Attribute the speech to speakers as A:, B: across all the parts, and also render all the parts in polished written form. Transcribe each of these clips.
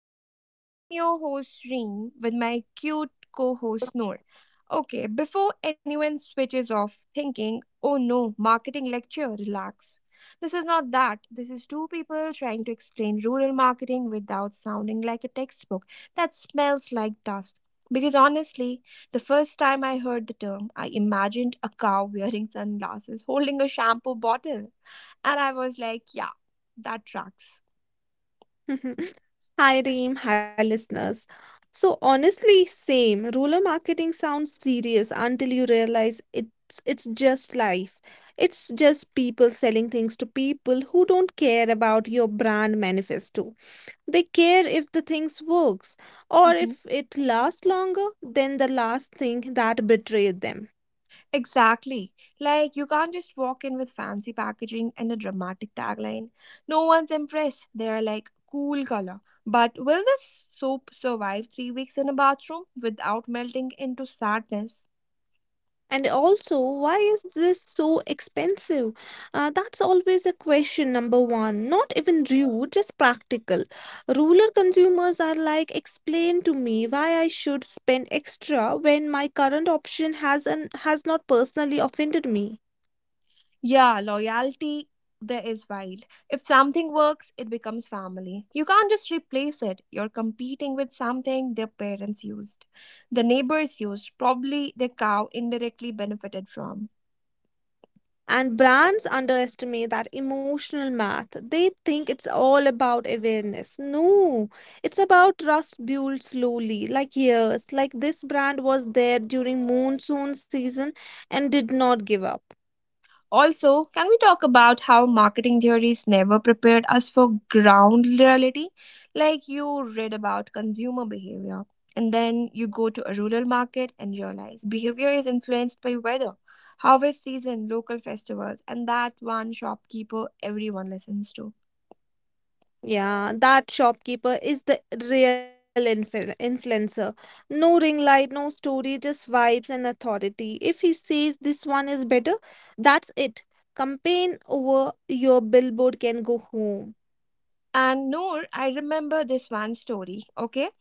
A: Theory Talks. I'm your host, Reem, with my cute co host, Noor. Okay, before anyone switches off thinking, oh no, marketing lecture, relax. This is not that. This is two people trying to explain rural marketing without sounding like a textbook that smells like dust. Because honestly, the first time I heard the term, I imagined a cow wearing sunglasses holding a shampoo bottle. And I was like, yeah, that tracks.
B: Hi, Reem. Hi, listeners. So honestly, same. Rural marketing sounds serious until you realize it's just life. It's just people selling things to people who don't care about your brand manifesto. They care if the things works or
A: Hmm.
B: if it lasts longer than the last thing that betrayed them.
A: Exactly. Like, you can't just walk in with fancy packaging and a dramatic tagline. No one's impressed. They are like, cool color. But will this soap survive 3 weeks in a bathroom without melting into sadness?
B: And also, why is this so expensive? That's always a question, number one. Not even rude, just practical. Rural consumers are like, explain to me why I should spend extra when my current option has not personally offended me.
A: Yeah, loyalty there is wild. If something works, it becomes family. You can't just replace it. You're competing with something their parents used, the neighbors used, probably the cow indirectly benefited from.
B: And brands underestimate that emotional math. They think it's all about awareness. No, it's about trust built slowly, like years. Like this brand was there during monsoon season and did not give up.
A: Also, can we talk about how marketing theories never prepared us for ground reality? Like, you read about consumer behavior, and then you go to a rural market and realize behavior is influenced by weather, harvest season, local festivals, and that one shopkeeper everyone listens to.
B: Yeah, that shopkeeper is the real influencer. No ring light, no story, just vibes and authority. If he says this one is better, that's it. Campaign over your billboard can go home.
A: And Noor, I remember this one story, okay?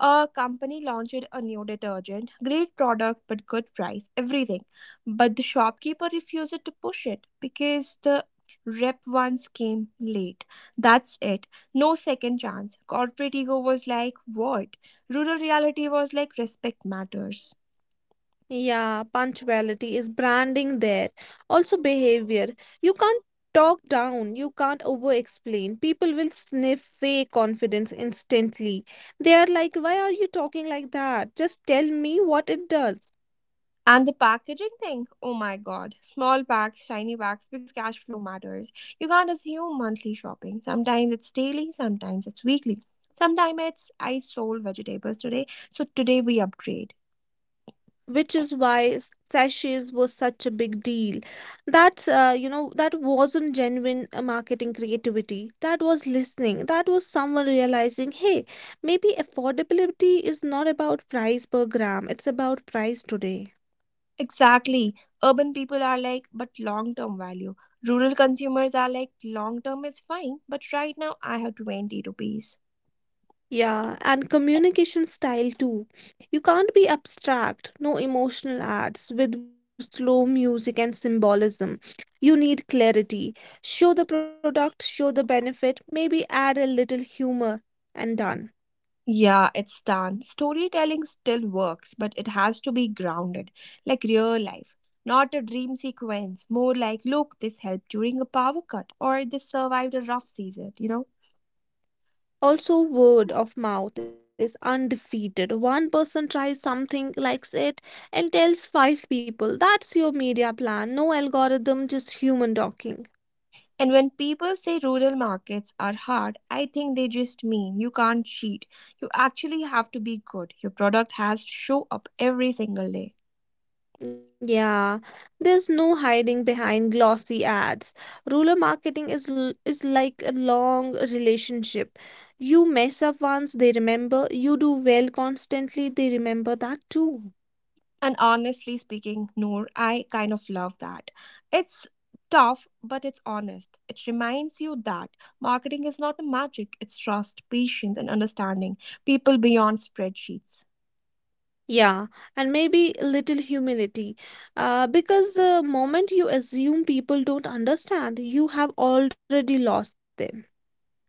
A: A company launched a new detergent, great product but good price, everything. But the shopkeeper refused to push it because the rep once came late. That's it. No second chance. Corporate ego was like, what? Rural reality was like, respect matters.
B: Yeah, punctuality is branding there. Also, behavior. You can't talk down, you can't over explain. People will sniff fake confidence instantly. They are like, why are you talking like that? Just tell me what it does.
A: And the packaging thing, oh my god, small packs, tiny packs, because cash flow matters. You can't assume monthly shopping. Sometimes it's daily, sometimes it's weekly. Sometimes it's I sold vegetables today, so today we upgrade.
B: Which is why sachets was such a big deal. That's you know that wasn't genuine marketing creativity. That was listening. That was someone realizing, hey, maybe affordability is not about price per gram, it's about price today.
A: Exactly. Urban people are like, but long term value. Rural consumers are like, long term is fine, but right now I have 20 rupees.
B: Yeah, and communication style too. You can't be abstract, no emotional ads with slow music and symbolism. You need clarity. Show the product, show the benefit, maybe add a little humor, and done.
A: Yeah, it's done. Storytelling still works, but it has to be grounded, like real life. Not a dream sequence, more like, look, this helped during a power cut, or this survived a rough season, you know?
B: Also, word of mouth is undefeated. One person tries something, likes it, and tells five people. That's your media plan. No algorithm, just human talking.
A: And when people say rural markets are hard, I think they just mean you can't cheat. You actually have to be good. Your product has to show up every single day.
B: Yeah, there's no hiding behind glossy ads. Rural marketing is is like a long relationship. You mess up once, they remember. You do well constantly, they remember that too.
A: And honestly speaking, Noor, I kind of love that. It's tough, but it's honest. It reminds you that marketing is not a magic, it's trust, patience, and understanding people beyond spreadsheets.
B: Yeah, and maybe a little humility. Because the moment you assume people don't understand, you have already lost them.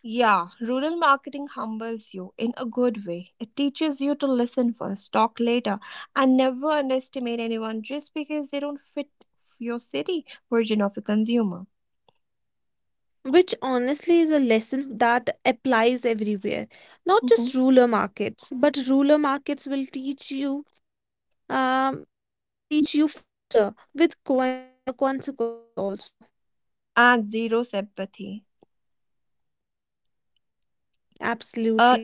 A: Yeah, rural marketing humbles you in a good way. It teaches you to listen first, talk later, and never underestimate anyone just because they don't fit your city version of a consumer.
B: Which honestly is a lesson that applies everywhere, not just
A: Mhm.
B: ruler markets, but ruler markets will teach you faster with consequences also.
A: And zero sympathy.
B: Absolutely none.
A: Uh,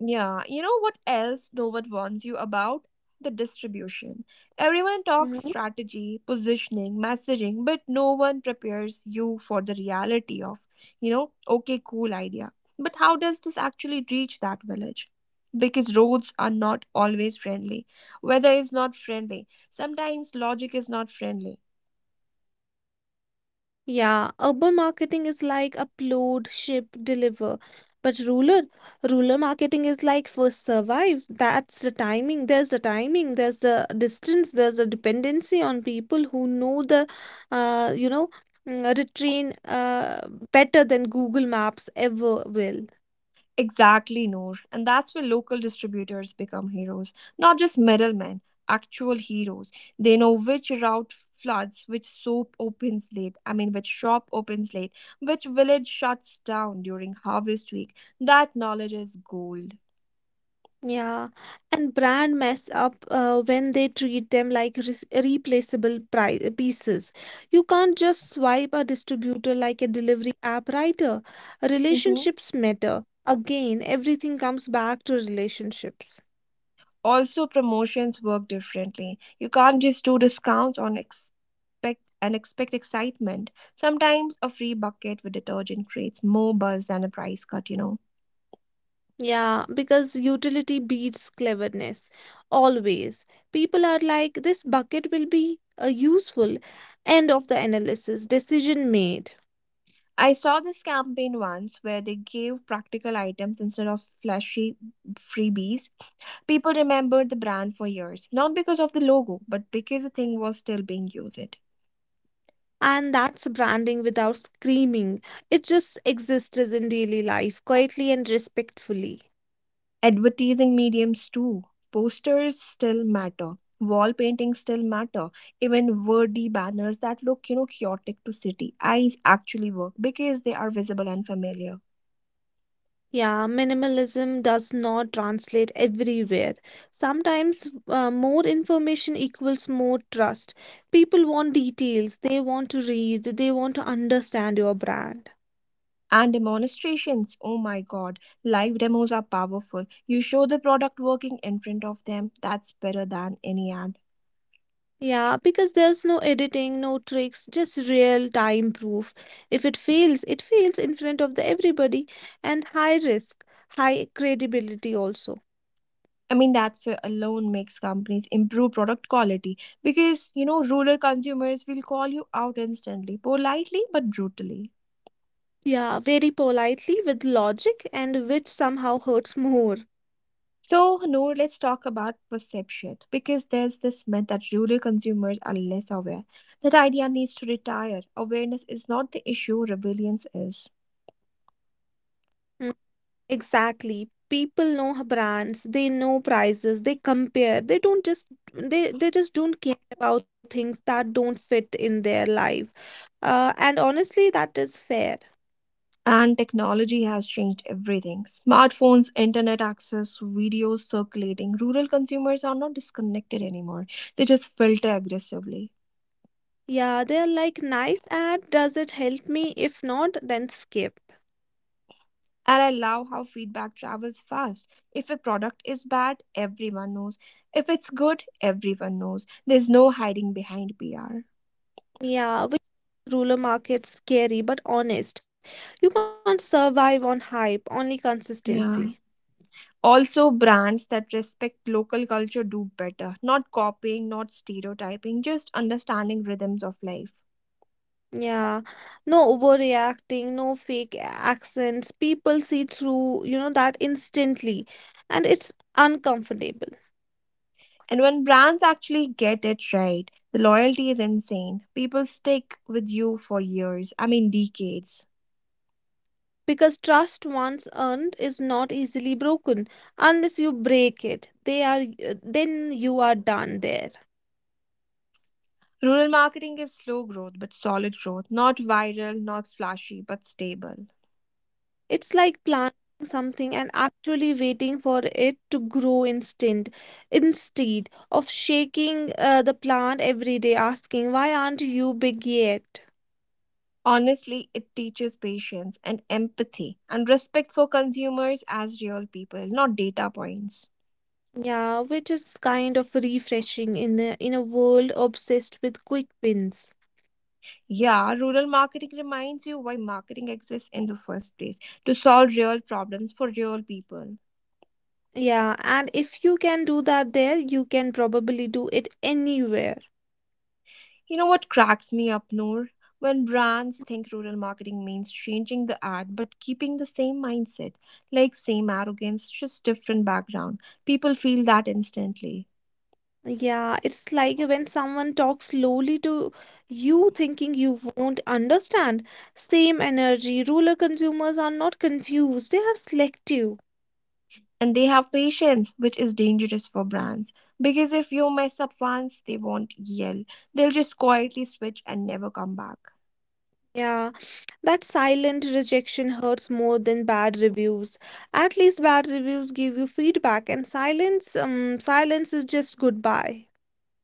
A: Yeah, you know what else Dover warns you about? The distribution. Everyone talks strategy, positioning, messaging, but no one prepares you for the reality of, you know, okay, cool idea. But how does this actually reach that village? Because roads are not always friendly. Weather is not friendly. Sometimes logic is not friendly.
B: Yeah, urban marketing is like upload, ship, deliver. But rural, rural marketing is like first survive. That's the timing. There's the timing. There's the distance. There's a dependency on people who know the, uh, you know, retrain better than Google Maps ever will.
A: Exactly, Noor. And that's where local distributors become heroes, not just middlemen, actual heroes. They know which route floods, which soap opens late, I mean, which shop opens late, which village shuts down during harvest week. That knowledge is gold.
B: Yeah, and brand mess up when they treat them like res replaceable pri pieces. You can't just swipe a distributor like a delivery app rider.
A: Hmm.
B: Relationships matter. Again, everything comes back to relationships.
A: Also, promotions work differently. You can't just do discounts on expect and expect excitement. Sometimes a free bucket with detergent creates more buzz than a price cut, you know.
B: Yeah, because utility beats cleverness. Always. People are like, this bucket will be useful. End of the analysis. Decision made.
A: I saw this campaign once where they gave practical items instead of flashy freebies. People remembered the brand for years, not because of the logo, but because the thing was still being used.
B: And that's branding without screaming. It just exists as in daily life, quietly and respectfully.
A: Advertising mediums too. Posters still matter, wall paintings still matter, even wordy banners that look, you know, chaotic to city eyes actually work because they are visible and familiar.
B: Yeah, minimalism does not translate everywhere. Sometimes more information equals more trust. People want details, they want to read, they want to understand your brand.
A: And demonstrations, oh my god, live demos are powerful. You show the product working in front of them, that's better than any ad.
B: Yeah, because there's no editing, no tricks, just real time proof. If it fails, it fails in front of the everybody, and high risk, high credibility also.
A: I mean that fear alone makes companies improve product quality, because, you know, rural consumers will call you out instantly, politely but brutally.
B: Yeah, very politely with logic and which somehow hurts more.
A: So, Noor, let's talk about perception, because there's this myth that rural consumers are less aware. That idea needs to retire. Awareness is not the issue, rebellions is.
B: Mm, Exactly. People know brands, they know prices, they compare. They just don't care about things that don't fit in their life. And honestly, that is fair.
A: And technology has changed everything: smartphones, internet access, videos circulating. Rural consumers are not disconnected anymore, they just filter aggressively.
B: Yeah, they're like nice ad, does it help me? If not, then skip.
A: And I love how feedback travels fast. If a product is bad, everyone knows. If it's good, everyone knows. There's no hiding behind PR.
B: Yeah, which ruler market scary but honest. You can't survive on hype, only
A: Yeah.
B: consistency.
A: Also, brands that respect local culture do better, not copying, not stereotyping, just understanding rhythms of life.
B: Yeah, no overreacting, no fake accents. People see through, that instantly. And it's uncomfortable
A: And when brands actually get it right, the loyalty is insane. People stick with you for years, I mean, decades.
B: because trust once earned is not easily broken unless you break it. They are, then you are done there.
A: Rural marketing is slow growth but solid growth, not viral, not flashy, but stable.
B: It's like planting something and actually waiting for it to grow instant instead of shaking the plant every day, asking, why aren't you big yet?
A: Honestly, it teaches patience and empathy and respect for consumers as real people, not data points.
B: Yeah, which is kind of refreshing in a world obsessed with quick wins.
A: Yeah, rural marketing reminds you why marketing exists in the first place: to solve real problems for real people.
B: Yeah, and if you can do that there, you can probably do it anywhere.
A: You know what cracks me up, Noor? When brands think rural marketing means changing the ad but keeping the same mindset, like same arrogance, just different background. People feel that instantly.
B: Yeah, it's like when someone talks slowly to you, thinking you won't understand. Same energy. Rural consumers are not confused, they are selective.
A: And they have patience, which is dangerous for brands. Because if you mess up once, they won't yell. They'll just quietly switch and never come back.
B: Yeah, that silent rejection hurts more than bad reviews. At least bad reviews give you feedback, and silence, silence is just goodbye.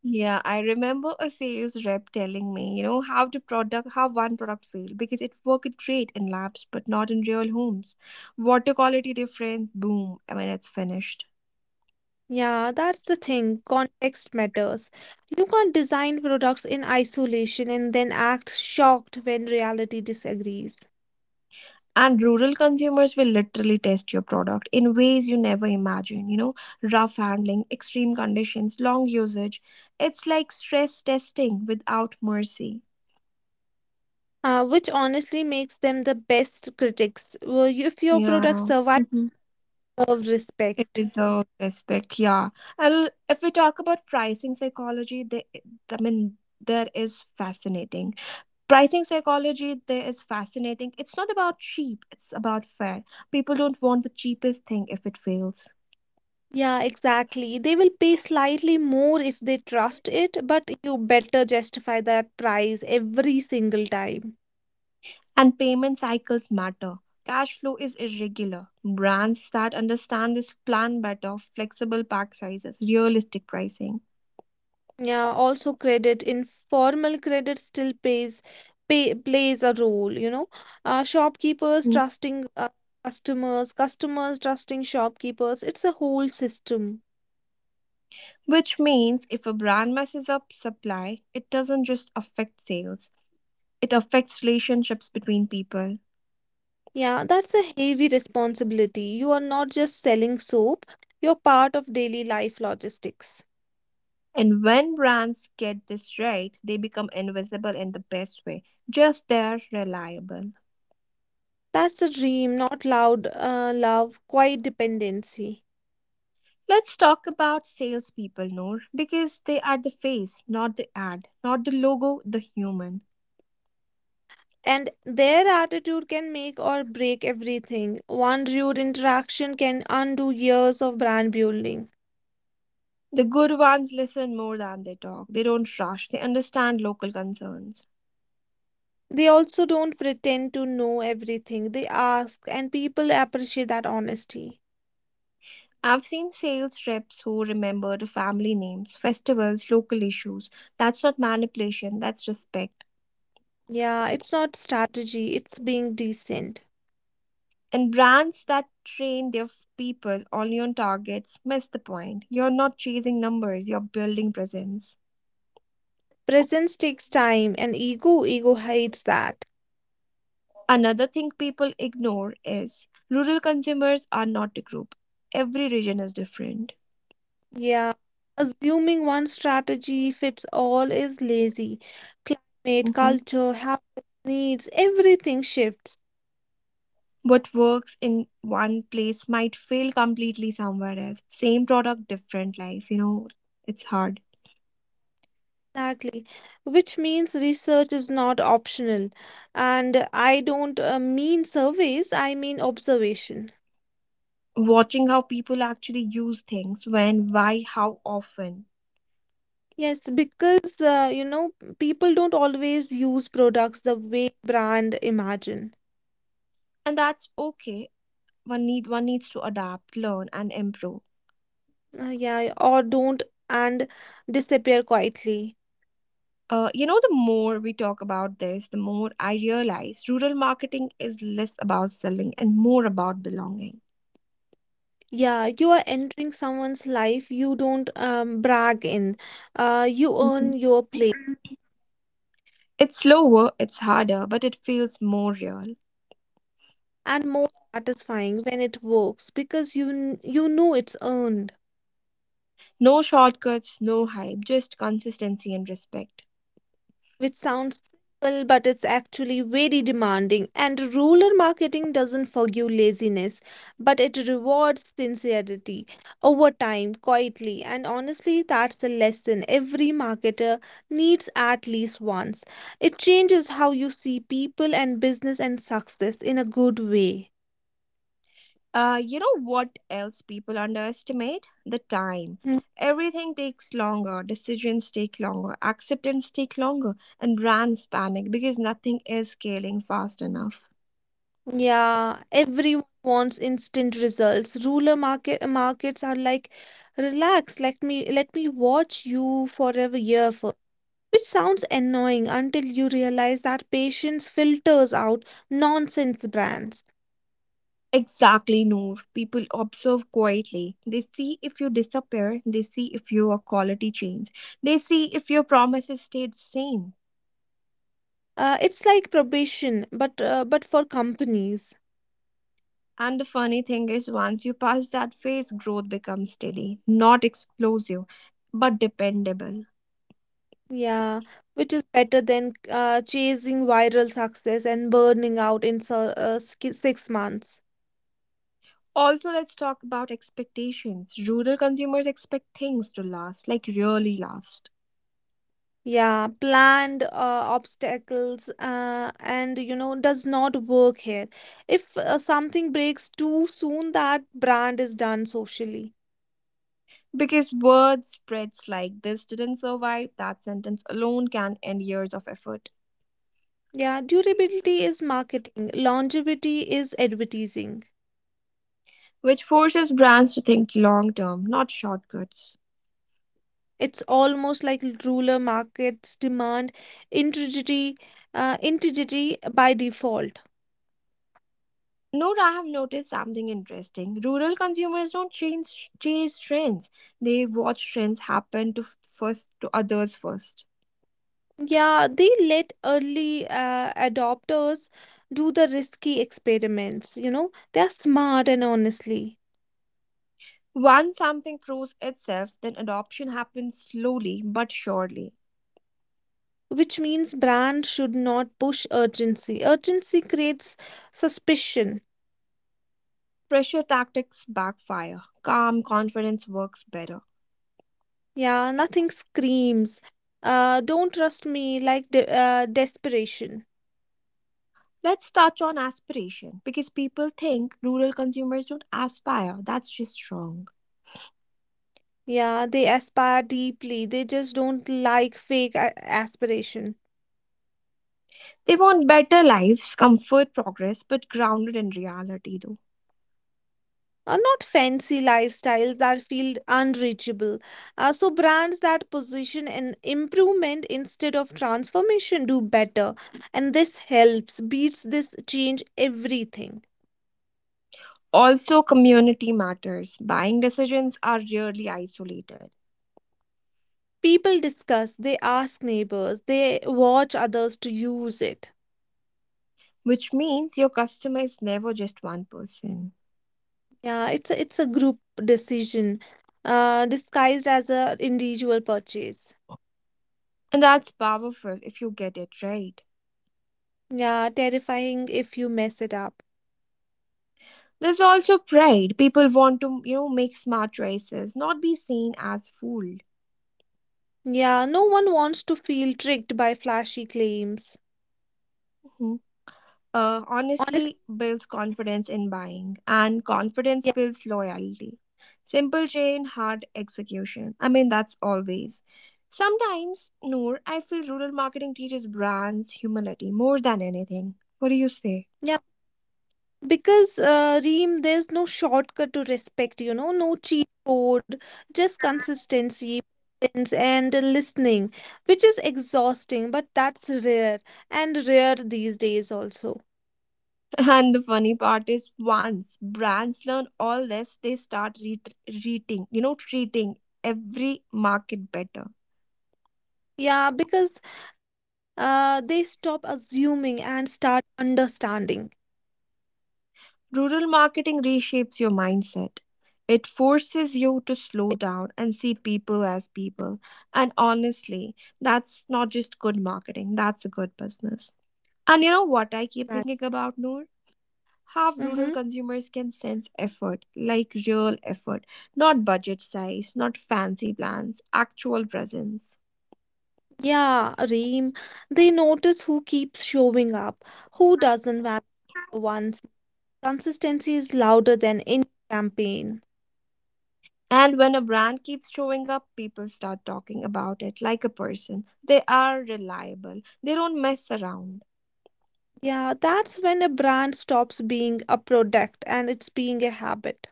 A: Yeah, I remember a sales rep telling me, you know, how one product failed because it worked great in labs but not in real homes. Water quality difference, boom, I mean it's finished.
B: Yeah, that's the thing. Context matters. You can't design products in isolation and then act shocked when reality disagrees.
A: And rural consumers will literally test your product in ways you never imagine, you know, rough handling, extreme conditions, long usage. It's like stress testing without mercy.
B: Which honestly makes them the best critics. Well, if your product
A: Yeah.
B: survives, serve
A: It
B: respect.
A: deserves respect, yeah. And if we talk about pricing psychology, I mean, there is fascinating. Pricing psychology, there is fascinating. It's not about cheap, it's about fair. People don't want the cheapest thing if it fails.
B: Yeah, exactly. They will pay slightly more if they trust it, but you better justify that price every single time.
A: And payment cycles matter. Cash flow is irregular. Brands that understand this plan better, flexible pack sizes, realistic pricing.
B: Yeah, also credit, informal credit still plays a role, Shopkeepers
A: Mm.
B: trusting customers, customers trusting shopkeepers. It's a whole system.
A: Which means if a brand messes up supply, it doesn't just affect sales, it affects relationships between people.
B: Yeah, that's a heavy responsibility. You are not just selling soap, you're part of daily life logistics.
A: And when brands get this right, they become invisible in the best way. Just they're reliable.
B: That's the dream, not loud love, quiet dependency.
A: Let's talk about salespeople, Noor, because they are the face, not the ad, not the logo, the human.
B: And their attitude can make or break everything. One rude interaction can undo years of brand building.
A: The good ones listen more than they talk. They don't rush, they understand local concerns.
B: They also don't pretend to know everything. They ask, and people appreciate that honesty.
A: I've seen sales reps who remember the family names, festivals, local issues. That's not manipulation, that's respect.
B: Yeah, it's not strategy, it's being decent.
A: And brands that train their people only on targets miss the point. You're not chasing numbers, you're building presence.
B: Presence takes time, and ego, ego hates that.
A: Another thing people ignore is rural consumers are not a group. Every region is different.
B: Yeah, assuming one strategy fits all is lazy. Climate,
A: Mhm.
B: culture, habits, needs, everything shifts.
A: What works in one place might fail completely somewhere else. Same product, different life. You know, it's hard.
B: Exactly, which means research is not optional. And I don't mean surveys, I mean observation.
A: Watching how people actually use things, when, why, how often.
B: Yes, because people don't always use products the way brand imagine.
A: And that's okay. One needs to adapt, learn and improve.
B: Yeah, or don't and disappear quietly.
A: You know, the more we talk about this, the more I realize rural marketing is less about selling and more about belonging.
B: Yeah, you are entering someone's life you don't brag in. You earn
A: Mhm.
B: your place,
A: It's slower, it's harder, but it feels more real.
B: and more satisfying when it works because you know it's earned.
A: No shortcuts, no hype, just consistency and respect.
B: Which sounds simple but it's actually very demanding. And rural marketing doesn't forgive laziness, but it rewards sincerity over time, quietly. And honestly, that's a lesson every marketer needs at least once. It changes how you see people and business and success in a good way.
A: You know what else people underestimate? The time.
B: Mm,
A: Everything takes longer, decisions take longer, acceptance take longer, and brands panic because nothing is scaling fast enough.
B: Yeah, everyone wants instant results. Ruler markets are like, relax, let me watch you for a year for. Which sounds annoying until you realize that patience filters out nonsense brands.
A: Exactly, Noor. People observe quietly. They see if you disappear, they see if your quality changes, they see if your promises stay the same.
B: It's like probation, but for companies.
A: And the funny thing is, once you pass that phase, growth becomes steady, not explosive, but dependable.
B: Yeah, which is better than chasing viral success and burning out in 6 months.
A: Also, let's talk about expectations. Rural consumers expect things to last, like really last.
B: Yeah, planned obstacles and does not work here. If something breaks too soon, that brand is done socially.
A: Because word spreads like this didn't survive, that sentence alone can end years of effort.
B: Yeah, durability is marketing, longevity is advertising.
A: Which forces brands to think long term, not shortcuts.
B: It's almost like ruler markets demand integrity, integrity by default.
A: Note I have noticed something interesting. Rural consumers don't chase trends. They watch trends happen to first, to others first.
B: Yeah, they let early adopters do the risky experiments. You know, they're smart and honestly,
A: Once something proves itself, then adoption happens slowly but surely.
B: which means brand should not push urgency. Urgency creates suspicion.
A: Pressure tactics backfire. Calm confidence works better.
B: Yeah, nothing screams. Don't trust me like de desperation.
A: Let's touch on aspiration, because people think rural consumers don't aspire. That's just wrong.
B: Yeah, they aspire deeply. They just don't like fake a aspiration.
A: They want better lives, comfort, progress, but grounded in reality, though.
B: Not fancy lifestyles that feel unreachable. So brands that position an improvement instead of transformation do better. And this helps, beats this change everything.
A: Also, community matters. Buying decisions are rarely isolated,
B: People discuss, they ask neighbors, they watch others to use it.
A: which means your customer is never just one person.
B: Yeah, it's a group decision, disguised as a individual purchase.
A: And that's powerful if you get it right.
B: Yeah, terrifying if you mess it up.
A: There's also pride. People want to, you know, make smart choices, not be seen as fool.
B: Yeah, no one wants to feel tricked by flashy claims. Honestly,
A: Honestly builds confidence in buying, and confidence
B: yeah,
A: builds loyalty. Simple chain, hard execution. I mean, that's always. Sometimes, Noor, I feel rural marketing teaches brands humility more than anything. What do you say?
B: yeah, because Reem, there's no shortcut to respect, you know, no cheat code, just consistency presence, and listening, which is exhausting, but that's rare and rare these days also.
A: And the funny part is, once brands learn all this, they start treating every market better.
B: Yeah, because they stop assuming and start understanding.
A: Rural marketing reshapes your mindset. It forces you to slow down and see people as people. And honestly, that's not just good marketing, that's a good business. And you know what I keep
B: That.
A: thinking about, Noor? How
B: Mm-hmm.
A: rural consumers can sense effort, like real effort, not budget size, not fancy plans, actual presence.
B: Yeah, Reem. They notice who keeps showing up, who doesn't matter once. Consistency is louder than any campaign.
A: And when a brand keeps showing up, people start talking about it like a person. They are reliable, they don't mess around.
B: Yeah, that's when a brand stops being a product and it's being a habit.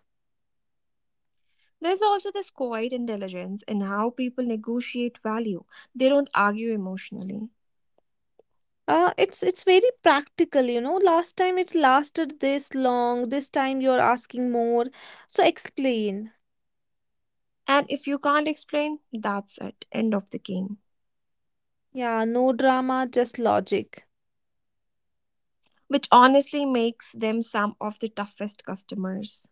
A: There's also this quiet intelligence in how people negotiate value. They don't argue emotionally.
B: It's very practical, you know. Last time it lasted this long, this time you're asking more. So explain.
A: And if you can't explain, that's it, end of the game.
B: Yeah, no drama, just logic.
A: Which honestly makes them some of the toughest customers.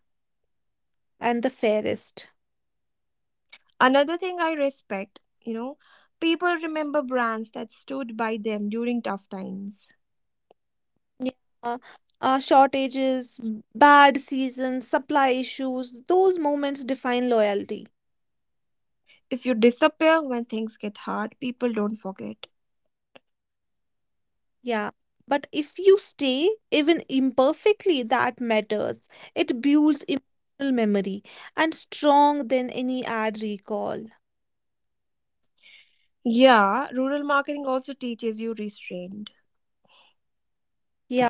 B: And the fairest.
A: Another thing I respect, you know, people remember brands that stood by them during tough times.
B: Yeah, shortages, bad seasons, supply issues, those moments define loyalty.
A: If you disappear when things get hard, people don't forget.
B: Yeah. But if you stay, even imperfectly, that matters. It builds emotional memory and strong than any ad recall.
A: Yeah, rural marketing also teaches you restraint.
B: Yeah,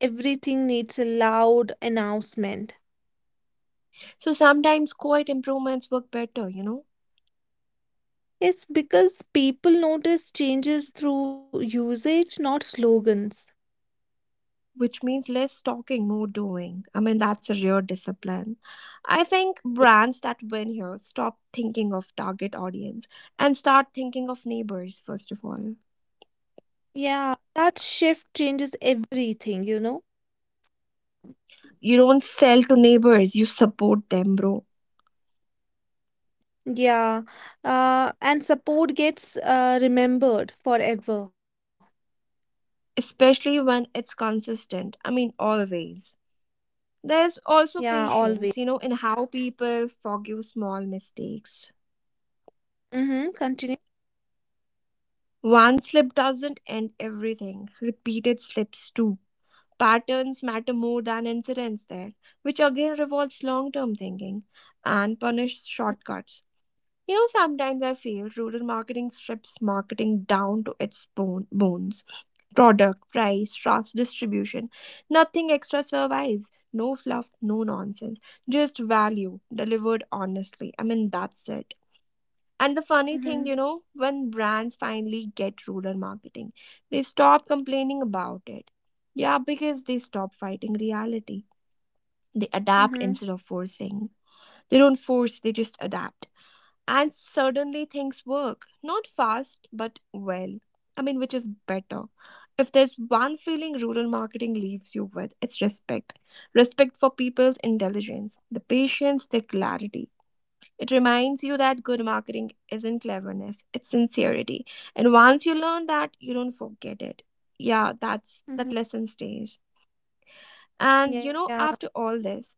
B: everything needs a loud announcement.
A: So sometimes quiet improvements work better, you know,
B: Yes, because people notice changes through usage, not slogans.
A: which means less talking, more doing. I mean, that's a real discipline. I think brands that win here stop thinking of target audience and start thinking of neighbors, first of all.
B: Yeah, that shift changes everything, you know?
A: You don't sell to neighbors, you support them, bro.
B: Yeah. And support gets remembered forever.
A: Especially when it's consistent. I mean, always. There's also
B: Yeah, always.
A: patience, you know, in how people forgive small mistakes.
B: Mm-hmm. Continue.
A: One slip doesn't end everything, repeated slips do. Patterns matter more than incidents there, which again revolves long term thinking and punish shortcuts. You know, sometimes I feel rural marketing strips marketing down to its bone, bones. Product, price, shops, distribution. Nothing extra survives. No fluff, no nonsense. Just value delivered honestly. I mean, that's it. And the funny thing, you
B: Mm-hmm.
A: know, when brands finally get rural marketing, they stop complaining about it. Yeah, because they stop fighting reality. They adapt
B: Mm-hmm.
A: instead of forcing. They don't force, they just adapt. And suddenly things work. Not fast, but well. I mean, which is better. If there's one feeling rural marketing leaves you with, it's respect. Respect for people's intelligence, the patience, their clarity, it reminds you that good marketing isn't cleverness, it's sincerity. And once you learn that, you don't forget it. Yeah, that's that
B: Mm-hmm.
A: lesson stays. And you
B: Yeah.
A: know, after all this,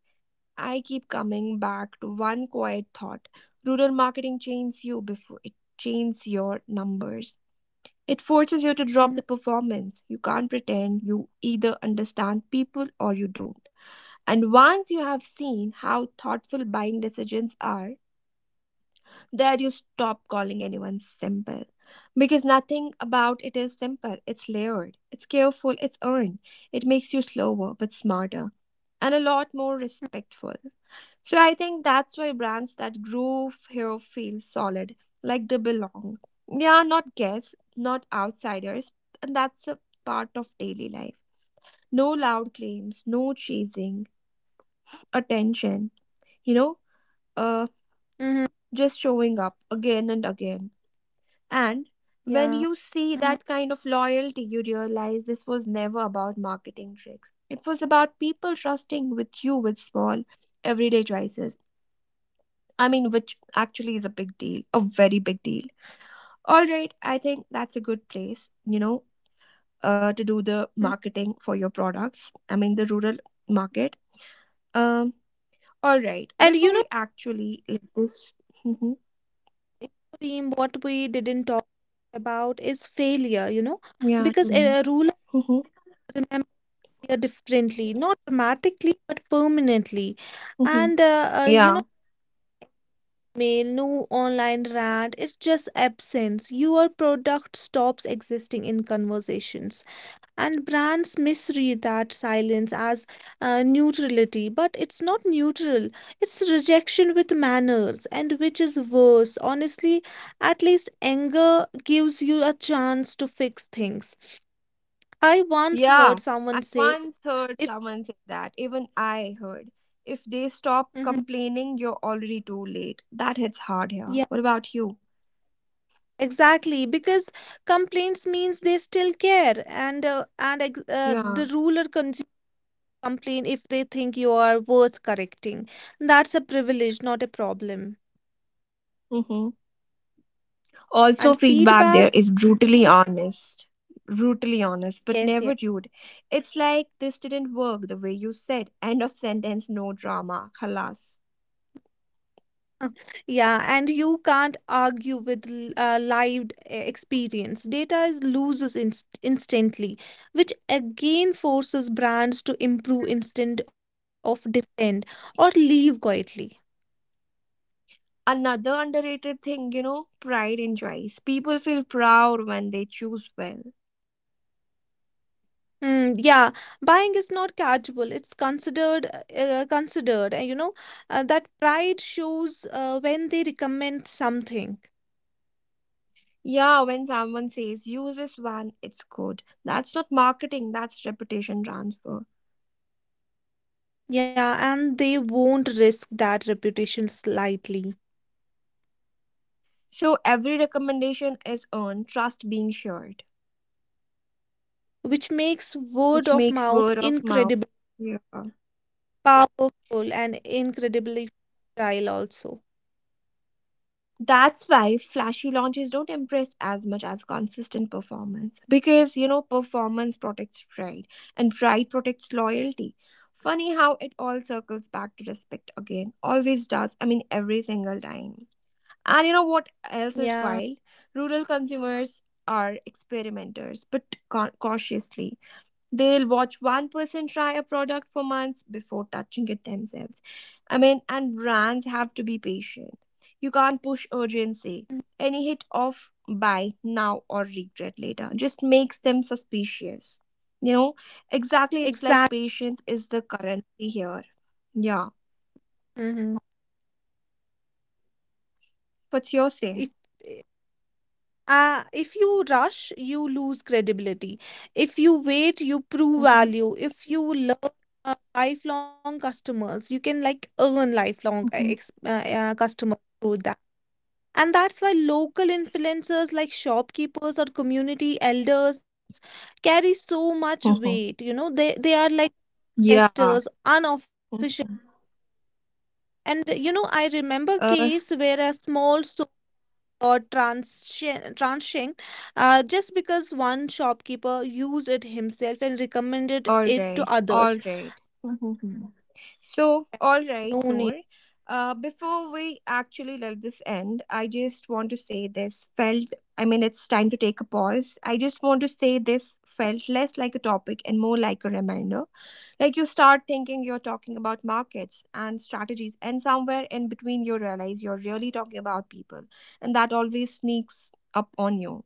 A: I keep coming back to one quiet thought. Rural marketing chains you before it chains your numbers. It forces you to drop
B: Mm-hmm.
A: the performance. You can't pretend; you either understand people or you don't. And once you have seen how thoughtful buying decisions are, there you stop calling anyone simple. Because nothing about it is simple. It's layered, it's careful, it's earned. It makes you slower but smarter and a lot more respectful. So I think that's why brands that grow here feel solid, like they belong. Yeah, not guests, not outsiders, and that's a part of daily life. No loud claims, no chasing, attention, you know, uh,
B: Mm-hmm.
A: just showing up again and again. And when
B: Yeah.
A: you see
B: Mm-hmm.
A: that kind of loyalty, you realize this was never about marketing tricks. It was about people trusting with you with small, everyday choices. I mean, which actually is a big deal, a very big deal. All right, I think that's a good place, to do the
B: Hmm.
A: marketing for your products. I mean, the rural market. Um, all right,
B: And you
A: before
B: know,
A: we actually let this,
B: Reem, what we didn't talk about is failure, you know,
A: yeah,
B: because
A: tell me.
B: a ruler
A: Mhm,
B: remember differently, not dramatically, but permanently.
A: mhm,
B: And uh, uh, you
A: yeah.
B: know, mail, no online rant, it's just absence. Your product stops existing in conversations. And brands misread that silence as neutrality, but it's not neutral, it's rejection with manners, and which is worse. Honestly, at least anger gives you a chance to fix things. I once
A: Yeah,
B: heard someone
A: I
B: say,
A: once heard
B: if,
A: someone say that. Even I heard. If they stop
B: mhm.
A: complaining, you're already too late. That hits hard here. What about you?
B: Exactly, because complaints means they still care, and
A: Yeah.
B: the ruler consumer complain if they think you are worth correcting. That's a privilege, not a problem.
A: Mm-hmm.
B: And
A: Also, feedback
B: feedback,
A: there is brutally honest. Brutally honest,
B: yes, yes,
A: but never rude. It's like this didn't work the way you said. End of sentence, no drama. Khalas.
B: yeah, and you can't argue with lived experience. Data is loses instantly, which again forces brands to improve instead of defend or leave quietly.
A: Another underrated thing, you know, pride in choice. People feel proud when they choose well.
B: Mm, yeah, buying is not casual. It's considered considered, and you know that pride shows when they recommend something.
A: Yeah, when someone says use this one, it's good. That's not marketing, that's reputation transfer.
B: Yeah, and they won't risk that reputation slightly,
A: So every recommendation is earned, trust being shared,
B: which makes word
A: which
B: of
A: makes
B: mouth
A: word of mouth.
B: incredibly
A: Yeah.
B: powerful and incredibly fragile also.
A: That's why flashy launches don't impress as much as consistent performance. Because, you know, performance protects pride and pride protects loyalty. Funny how it all circles back to respect again. Always does. I mean, every single time. And you know what else
B: Yeah,
A: is wild? Rural consumers are experimenters, but cautiously. They'll watch one person try a product for months before touching it themselves. I mean, and brands have to be patient. You can't push urgency. Any hit of buy now or regret later just makes them suspicious. You know, exactly. It's
B: exactly.
A: like patience is the currency here. Yeah. What's your say?
B: If you rush, you lose credibility. If you wait, you prove
A: Hmm,
B: value. If you learn lifelong customers, you can like earn lifelong
A: hmm,
B: ex customers through that. And that's why local influencers like shopkeepers or community elders carry so much
A: hmm.
B: weight. You know, they are like
A: Yeah.
B: testers, unofficial.
A: Mhm.
B: And you know, I remember case
A: Uh,
B: where a small or transient just because one shopkeeper used it himself and recommended
A: all
B: it to
A: right,
B: others.
A: all right. Mhm. So, all
B: No
A: right,
B: need.
A: Noor. Before we actually let this end, I just want to say this felt, I mean, it's time to take a pause. I just want to say this felt less like a topic and more like a reminder. Like you start thinking you're talking about markets and strategies, and somewhere in between, you realize you're really talking about people, and that always sneaks up on you.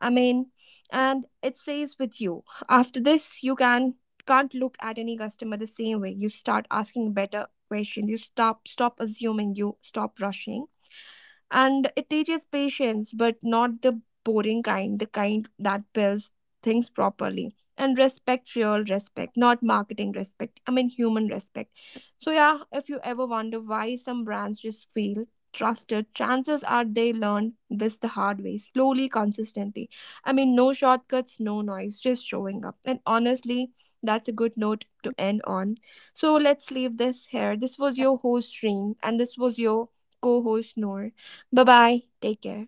A: Amen. And it says with you, after this, you can't look at any customer the same way. You start asking better questions. You stop assuming. You stop rushing and it teaches patience, but not the boring kind, the kind that builds things properly. And respect, real respect, not marketing respect. I mean, human respect. So, yeah, if you ever wonder why some brands just fail, trusted, chances are they learned this the hard way, slowly, consistently. I mean, no shortcuts, no noise, just showing up. And honestly, that's a good note to end on. So let's leave this here. This was your host, Stream, and this was your co host, Noor. Bye bye. Take care.